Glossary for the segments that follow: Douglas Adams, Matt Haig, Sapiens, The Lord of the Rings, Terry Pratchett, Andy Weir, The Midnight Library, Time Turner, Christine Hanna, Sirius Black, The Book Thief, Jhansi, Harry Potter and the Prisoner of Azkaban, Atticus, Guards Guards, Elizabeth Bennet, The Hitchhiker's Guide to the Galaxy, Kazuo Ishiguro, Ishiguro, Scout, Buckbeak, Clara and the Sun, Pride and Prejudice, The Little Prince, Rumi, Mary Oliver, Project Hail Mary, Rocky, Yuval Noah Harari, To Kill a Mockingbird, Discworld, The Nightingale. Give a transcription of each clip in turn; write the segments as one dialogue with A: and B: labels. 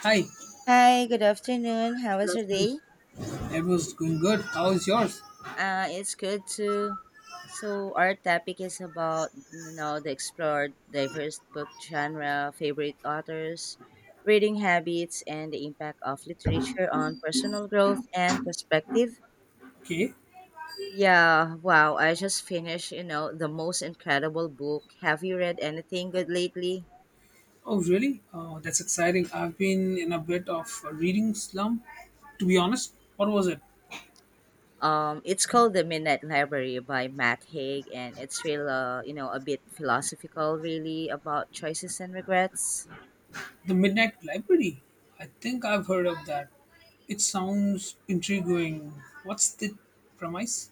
A: Hi,
B: Hi, good afternoon. How was
A: good
B: your
A: afternoon.
B: day?
A: It was going good. How is yours?
B: It's good too. So our topic is about the explored diverse book genre, favorite authors, reading habits, and the impact of literature on personal growth and perspective.
A: Okay.
B: Yeah, wow! I just finished the most incredible book. Have you read anything good lately?
A: Oh, really? Oh, that's exciting. I've been in a bit of a reading slump. To be honest, what was it?
B: It's called The Midnight Library by Matt Haig, and it's real, a bit philosophical, really, about choices and regrets.
A: The Midnight Library. I think I've heard of that. It sounds intriguing. What's the premise?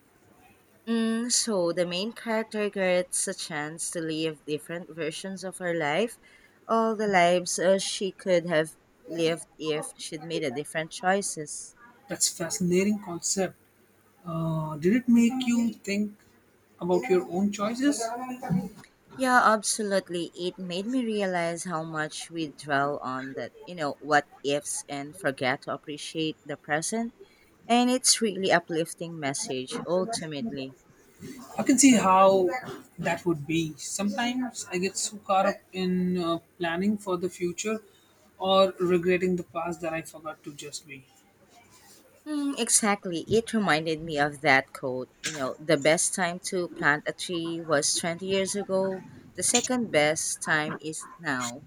B: So the main character gets a chance to live different versions of her life, all the lives she could have lived if she'd made a different choices.
A: That's fascinating concept. Did it make you think about your own choices?
B: Yeah, absolutely. It made me realize how much we dwell on that, what ifs and forget to appreciate the present. And it's really uplifting message ultimately.
A: I can see how that would be. Sometimes I get so caught up in planning for the future or regretting the past that I forgot to just be.
B: Mm, exactly. It reminded me of that quote. The best time to plant a tree was 20 years ago. The second best time is now.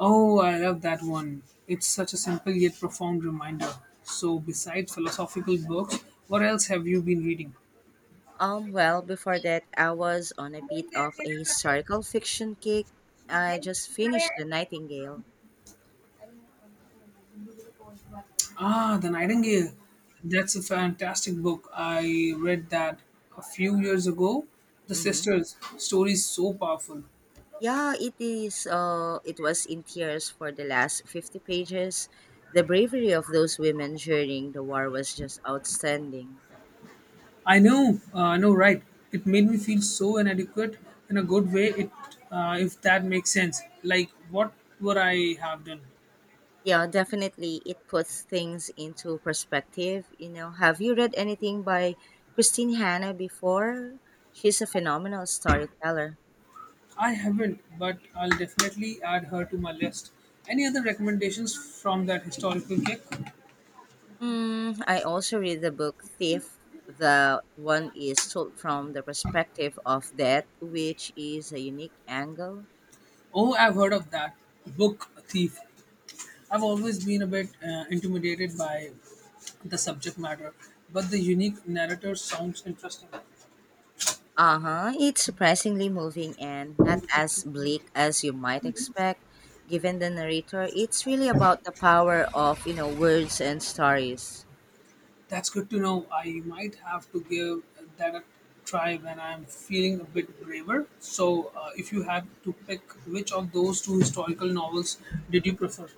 A: Oh, I love that one. It's such a simple yet profound reminder. So, besides philosophical books, what else have you been reading?
B: Well, before that, I was on a bit of a historical fiction kick. I just finished The Nightingale.
A: Ah, The Nightingale. That's a fantastic book. I read that a few years ago. The
B: Mm-hmm.
A: sisters' story is so powerful.
B: Yeah, it is. It was in tears for the last 50 pages. The bravery of those women during the war was just outstanding.
A: I know, right? It made me feel so inadequate in a good way. If that makes sense. Like, what would I have done?
B: Yeah, definitely. It puts things into perspective. Have you read anything by Christine Hanna before? She's a phenomenal storyteller.
A: I haven't, but I'll definitely add her to my list. Any other recommendations from that historical kick?
B: I also read the book Thief. The one is told from the perspective of death, which is a unique angle.
A: Oh, I've heard of that book thief. I've always been a bit intimidated by the subject matter, but the unique narrator sounds interesting.
B: Uh huh. It's surprisingly moving and not as bleak as you might expect. Given the narrator, it's really about the power of, words and stories.
A: That's good to know. I might have to give that a try when I'm feeling a bit braver. So, if you had to pick which of those two historical novels did you prefer?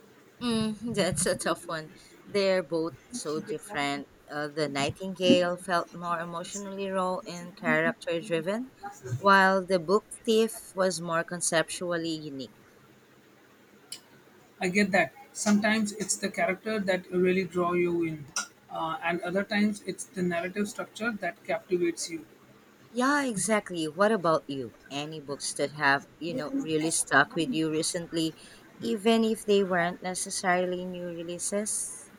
B: That's a tough one. They're both so different. The Nightingale felt more emotionally raw and character driven, while the book Thief was more conceptually unique.
A: I get that. Sometimes it's the character that really draw you in, and other times it's the narrative structure that captivates you.
B: Yeah, exactly. What about you? Any books that have, really stuck with you recently, even if they weren't necessarily new releases?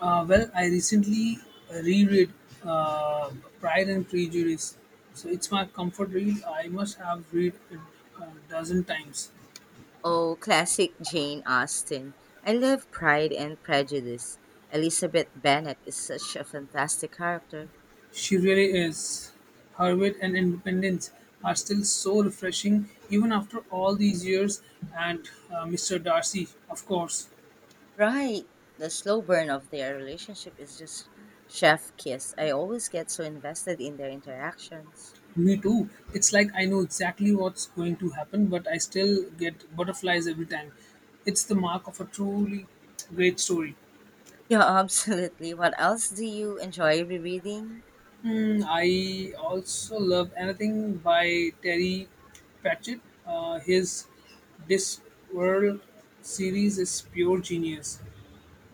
A: Well, I recently reread uh, Pride and Prejudice, so it's my comfort read. I must have read it a dozen times.
B: Oh, classic Jane Austen. I love Pride and Prejudice. Elizabeth Bennet is such a fantastic character.
A: She really is. Her wit and independence are still so refreshing, even after all these years. And Mr. Darcy, of course,
B: Right. The slow burn of their relationship is just chef kiss. I always get so invested in their interactions.
A: me too. It's like I know exactly what's going to happen, but I still get butterflies every time. It's the mark of a truly great story.
B: Yeah, absolutely. What else do you enjoy rereading?
A: I also love anything by Terry Pratchett. His Discworld series is pure genius.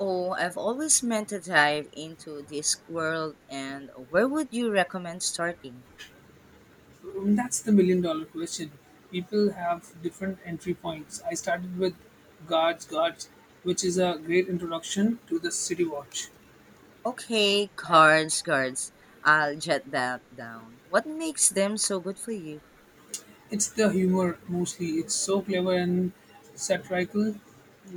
B: Oh, I've always meant to dive into this world and where would you recommend starting?
A: Mm, that's the million-dollar question. People have different entry points. I started with Guards Guards, which is a great introduction to the City Watch.
B: Okay, cards, cards. I'll jot that down. What makes them so good for you?
A: It's the humor mostly. It's so clever and satirical,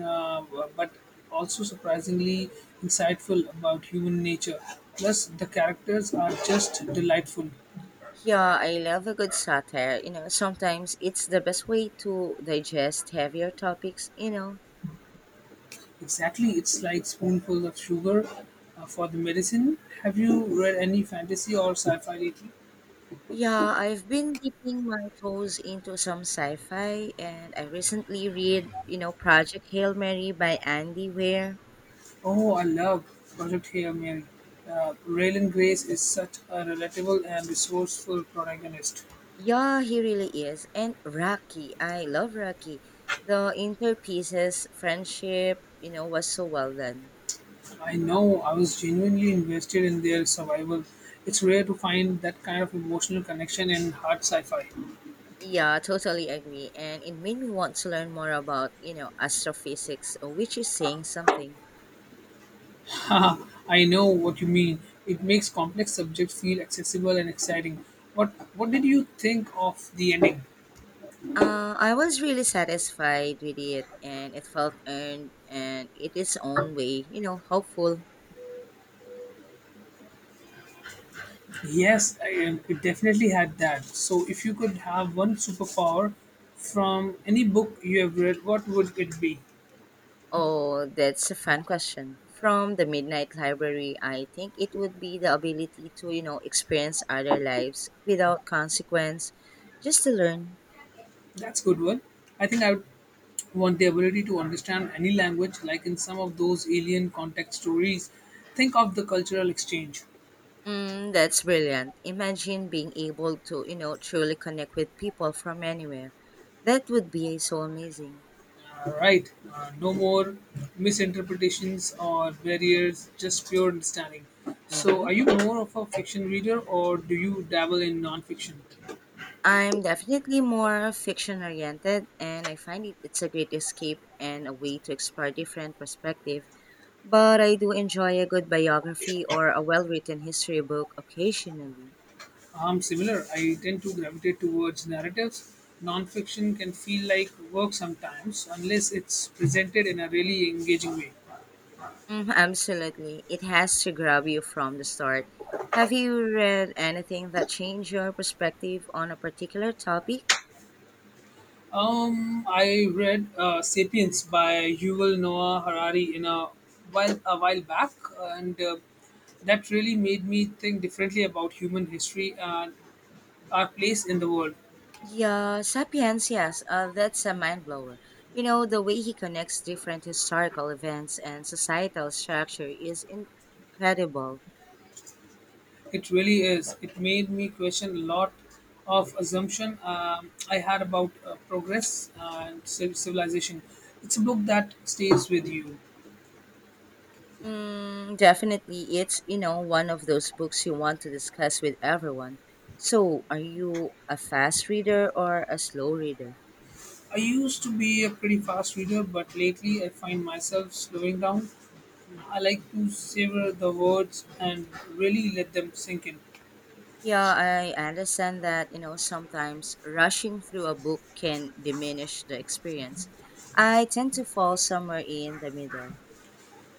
A: uh, but also surprisingly insightful about human nature. Plus, the characters are just delightful.
B: Yeah, I love a good satire. Sometimes it's the best way to digest heavier topics,
A: Exactly, it's like spoonful of sugar for the medicine. Have you read any fantasy or sci-fi lately?
B: Yeah, I've been dipping my toes into some sci-fi and I recently read, Project Hail Mary by Andy Weir.
A: Oh, I love Project Hail Mary. Raylan Grace is such a relatable and resourceful protagonist.
B: Yeah, he really is. And Rocky, I love Rocky. The interpieces, friendship, was so well done.
A: I know I was genuinely invested in their survival. It's rare to find that kind of emotional connection in hard sci-fi.
B: Yeah, totally agree. And it made me want to learn more about, astrophysics, which is saying something.
A: Haha, I know what you mean. It makes complex subjects feel accessible and exciting. What did you think of the ending?
B: I was really satisfied with it and it felt earned and it is own way, hopeful.
A: Yes, it definitely had that. So, if you could have one superpower from any book you have read, what would it be?
B: Oh, that's a fun question. From the Midnight Library, I think it would be the ability to, experience other lives without consequence, just to learn.
A: That's good one. I think I would want the ability to understand any language, like in some of those alien context stories. Think of the cultural exchange.
B: That's brilliant. Imagine being able to, truly connect with people from anywhere. That would be so amazing.
A: Right. No more misinterpretations or barriers, just pure understanding. So,
B: Mm-hmm.
A: are you more of a fiction reader or do you dabble in nonfiction?
B: I'm definitely more fiction oriented, and I find it's a great escape and a way to explore different perspectives. But I do enjoy a good biography or a well written history book occasionally.
A: I'm similar. I tend to gravitate towards narratives. Nonfiction can feel like work sometimes, unless it's presented in a really engaging way.
B: Mm, absolutely. It has to grab you from the start. Have you read anything that changed your perspective on a particular topic?
A: I read *Sapiens* by Yuval Noah Harari in a while back, and that really made me think differently about human history and our place in the world.
B: Yeah, Sapiens, yes. That's a mind blower. The way he connects different historical events and societal structure is incredible.
A: It really is. It made me question a lot of assumption I had about progress and civilization. It's a book that stays with you.
B: Mm, definitely, it's one of those books you want to discuss with everyone. So, are you a fast reader or a slow reader?
A: I used to be a pretty fast reader, but lately I find myself slowing down. I like to savor the words and really let them sink in.
B: Yeah, I understand that sometimes rushing through a book can diminish the experience. I tend to fall somewhere in the middle.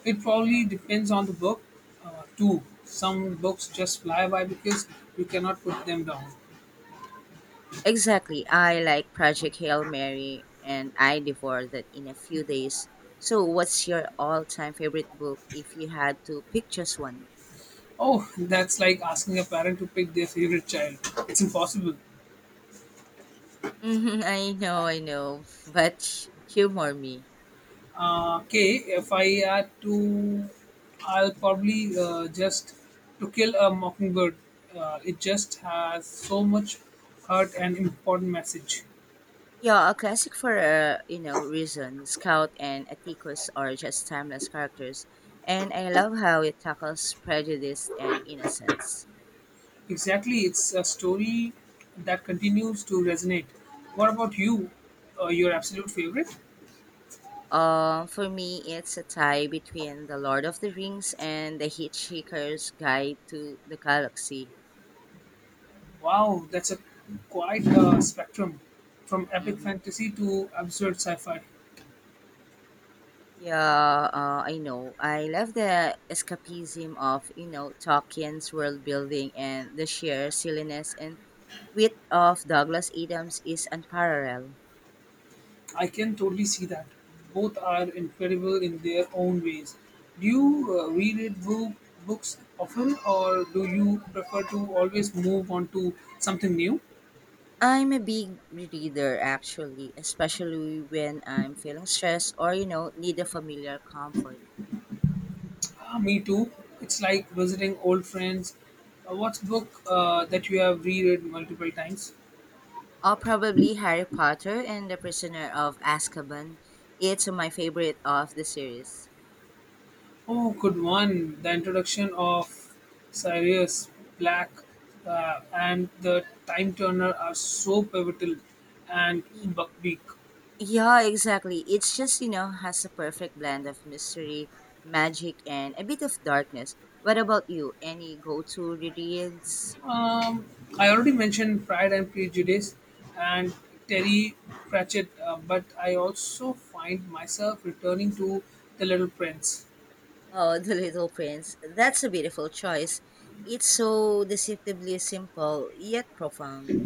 A: It probably depends on the book, too. Some books just fly by because you cannot put them down.
B: Exactly, I like Project Hail Mary, and I devoured that in a few days. So, what's your all-time favorite book if you had to pick just one?
A: Oh, that's like asking a parent to pick their favorite child. It's impossible.
B: Mhm, I know, but humor me.
A: Okay, if I had to, I'll probably just to kill a mockingbird. It just has so much heart and important message.
B: Yeah, a classic for a reason. Scout and Atticus are just timeless characters, and I love how it tackles prejudice and innocence.
A: Exactly, it's a story that continues to resonate. What about you? Your absolute favorite?
B: For me, it's a tie between The Lord of the Rings and The Hitchhiker's Guide to the Galaxy.
A: Wow, that's a quite spectrum, from epic
B: Mm-hmm.
A: fantasy to absurd sci-fi.
B: Yeah, I know. I love the escapism of Tolkien's world building and the sheer silliness and wit of Douglas Adams is unparalleled.
A: I can totally see that. Both are incredible in their own ways. Do you reread books often, or do you prefer to always move on to something new?
B: I'm a big reader actually, especially when I'm feeling stressed or need a familiar comfort.
A: Ah, me too. It's like visiting old friends. What's book that you have reread multiple times?
B: Or probably Harry Potter and the Prisoner of Azkaban. It's my favorite of the series.
A: Oh, good one. The introduction of Sirius Black and the Time Turner are so pivotal. And
B: Y-
A: Buckbeak.
B: yeah, exactly. It's just has a perfect blend of mystery, magic, and a bit of darkness. What about you? Any go-to reads?
A: Um, I already mentioned Pride and Prejudice and Terry Pratchett, but I also find myself returning to The Little Prince.
B: Oh, The Little Prince. That's a beautiful choice. It's so deceptively simple, yet profound.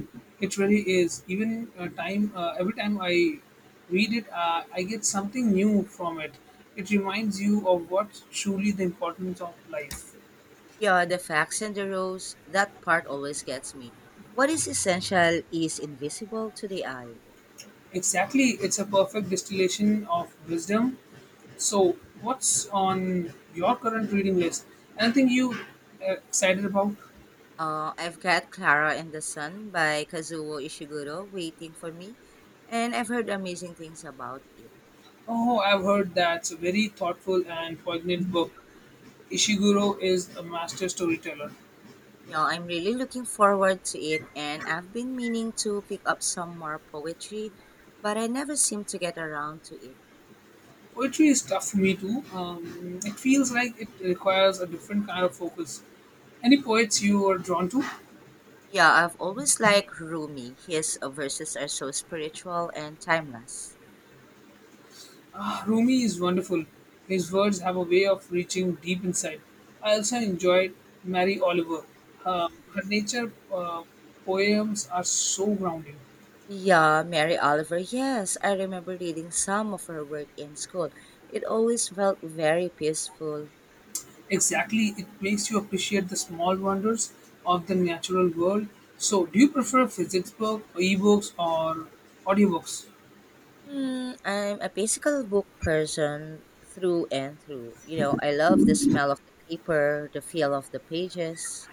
A: It really is. Every time I read it, I get something new from it. It reminds you of what truly the importance of life.
B: Yeah, the facts and the rose, that part always gets me. What is essential is invisible to the eye.
A: Exactly, it's a perfect distillation of wisdom. So, what's on your current reading list? Anything you excited about?
B: I've got Clara and the Sun by Kazuo Ishiguro waiting for me, and I've heard amazing things about it.
A: Oh, I've heard that's a very thoughtful and poignant book. Ishiguro is a master storyteller.
B: Yeah, I'm really looking forward to it, and I've been meaning to pick up some more poetry, but I never seem to get around to it.
A: Poetry is tough for me too. It feels like it requires a different kind of focus. Any poets you are drawn to?
B: Yeah, I've always liked Rumi. His verses are so spiritual and timeless.
A: Ah, Rumi is wonderful. His words have a way of reaching deep inside. I also enjoyed Mary Oliver. Her nature poems are so grounding.
B: Yeah, Mary Oliver. Yes, I remember reading some of her work in school. It always felt very peaceful.
A: Exactly, it makes you appreciate the small wonders of the natural world. So, do you prefer physics book, ebooks, or audiobooks?
B: Hmm, I'm a physical book person through and through. I love the smell of the paper, the feel of the pages.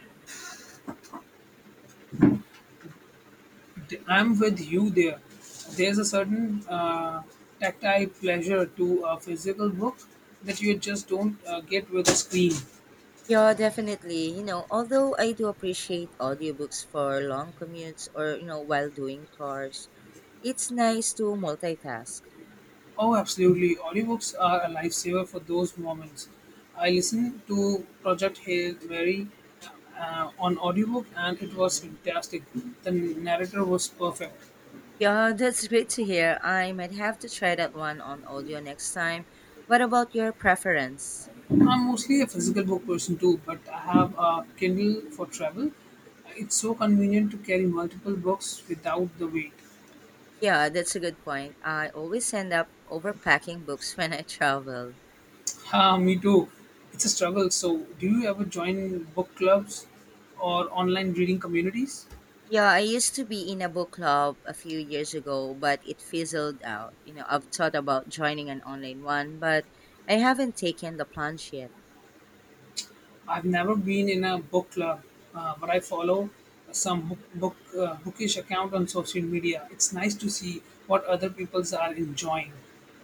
A: I'm with you there. There's a certain tactile pleasure to a physical book that you just don't get with a screen.
B: Yeah, definitely. Although I do appreciate audiobooks for long commutes or, while doing chores, it's nice to multitask.
A: Oh, absolutely. Audiobooks are a lifesaver for those moments. I listened to Project Hail Mary on audiobook and it was
B: Mhm.
A: fantastic. The narrator was perfect.
B: Yeah, that's great to hear. I might have to try that one on audio next time. What about your preference?
A: I'm mostly a physical book person too, but I have a Kindle for travel. It's so convenient to carry multiple books without the weight.
B: Yeah, that's a good point. I always end up overpacking books when I travel.
A: Ah, me too. It's a struggle. So, do you ever join book clubs or online reading communities?
B: Yeah, I used to be in a book club a few years ago, but it fizzled out. I've thought about joining an online one, but I haven't taken the plunge yet.
A: I've never been in a book club, but I follow some bookish account on social media. It's nice to see what other people's are enjoying.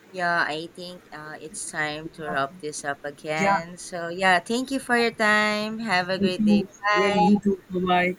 B: Yeah, I think it's time to wrap this up
A: Yeah,
B: again. So, yeah, thank you for your time. Have a
A: thank
B: great day.
A: you. Well, you
B: Bye.
A: too. Bye bye.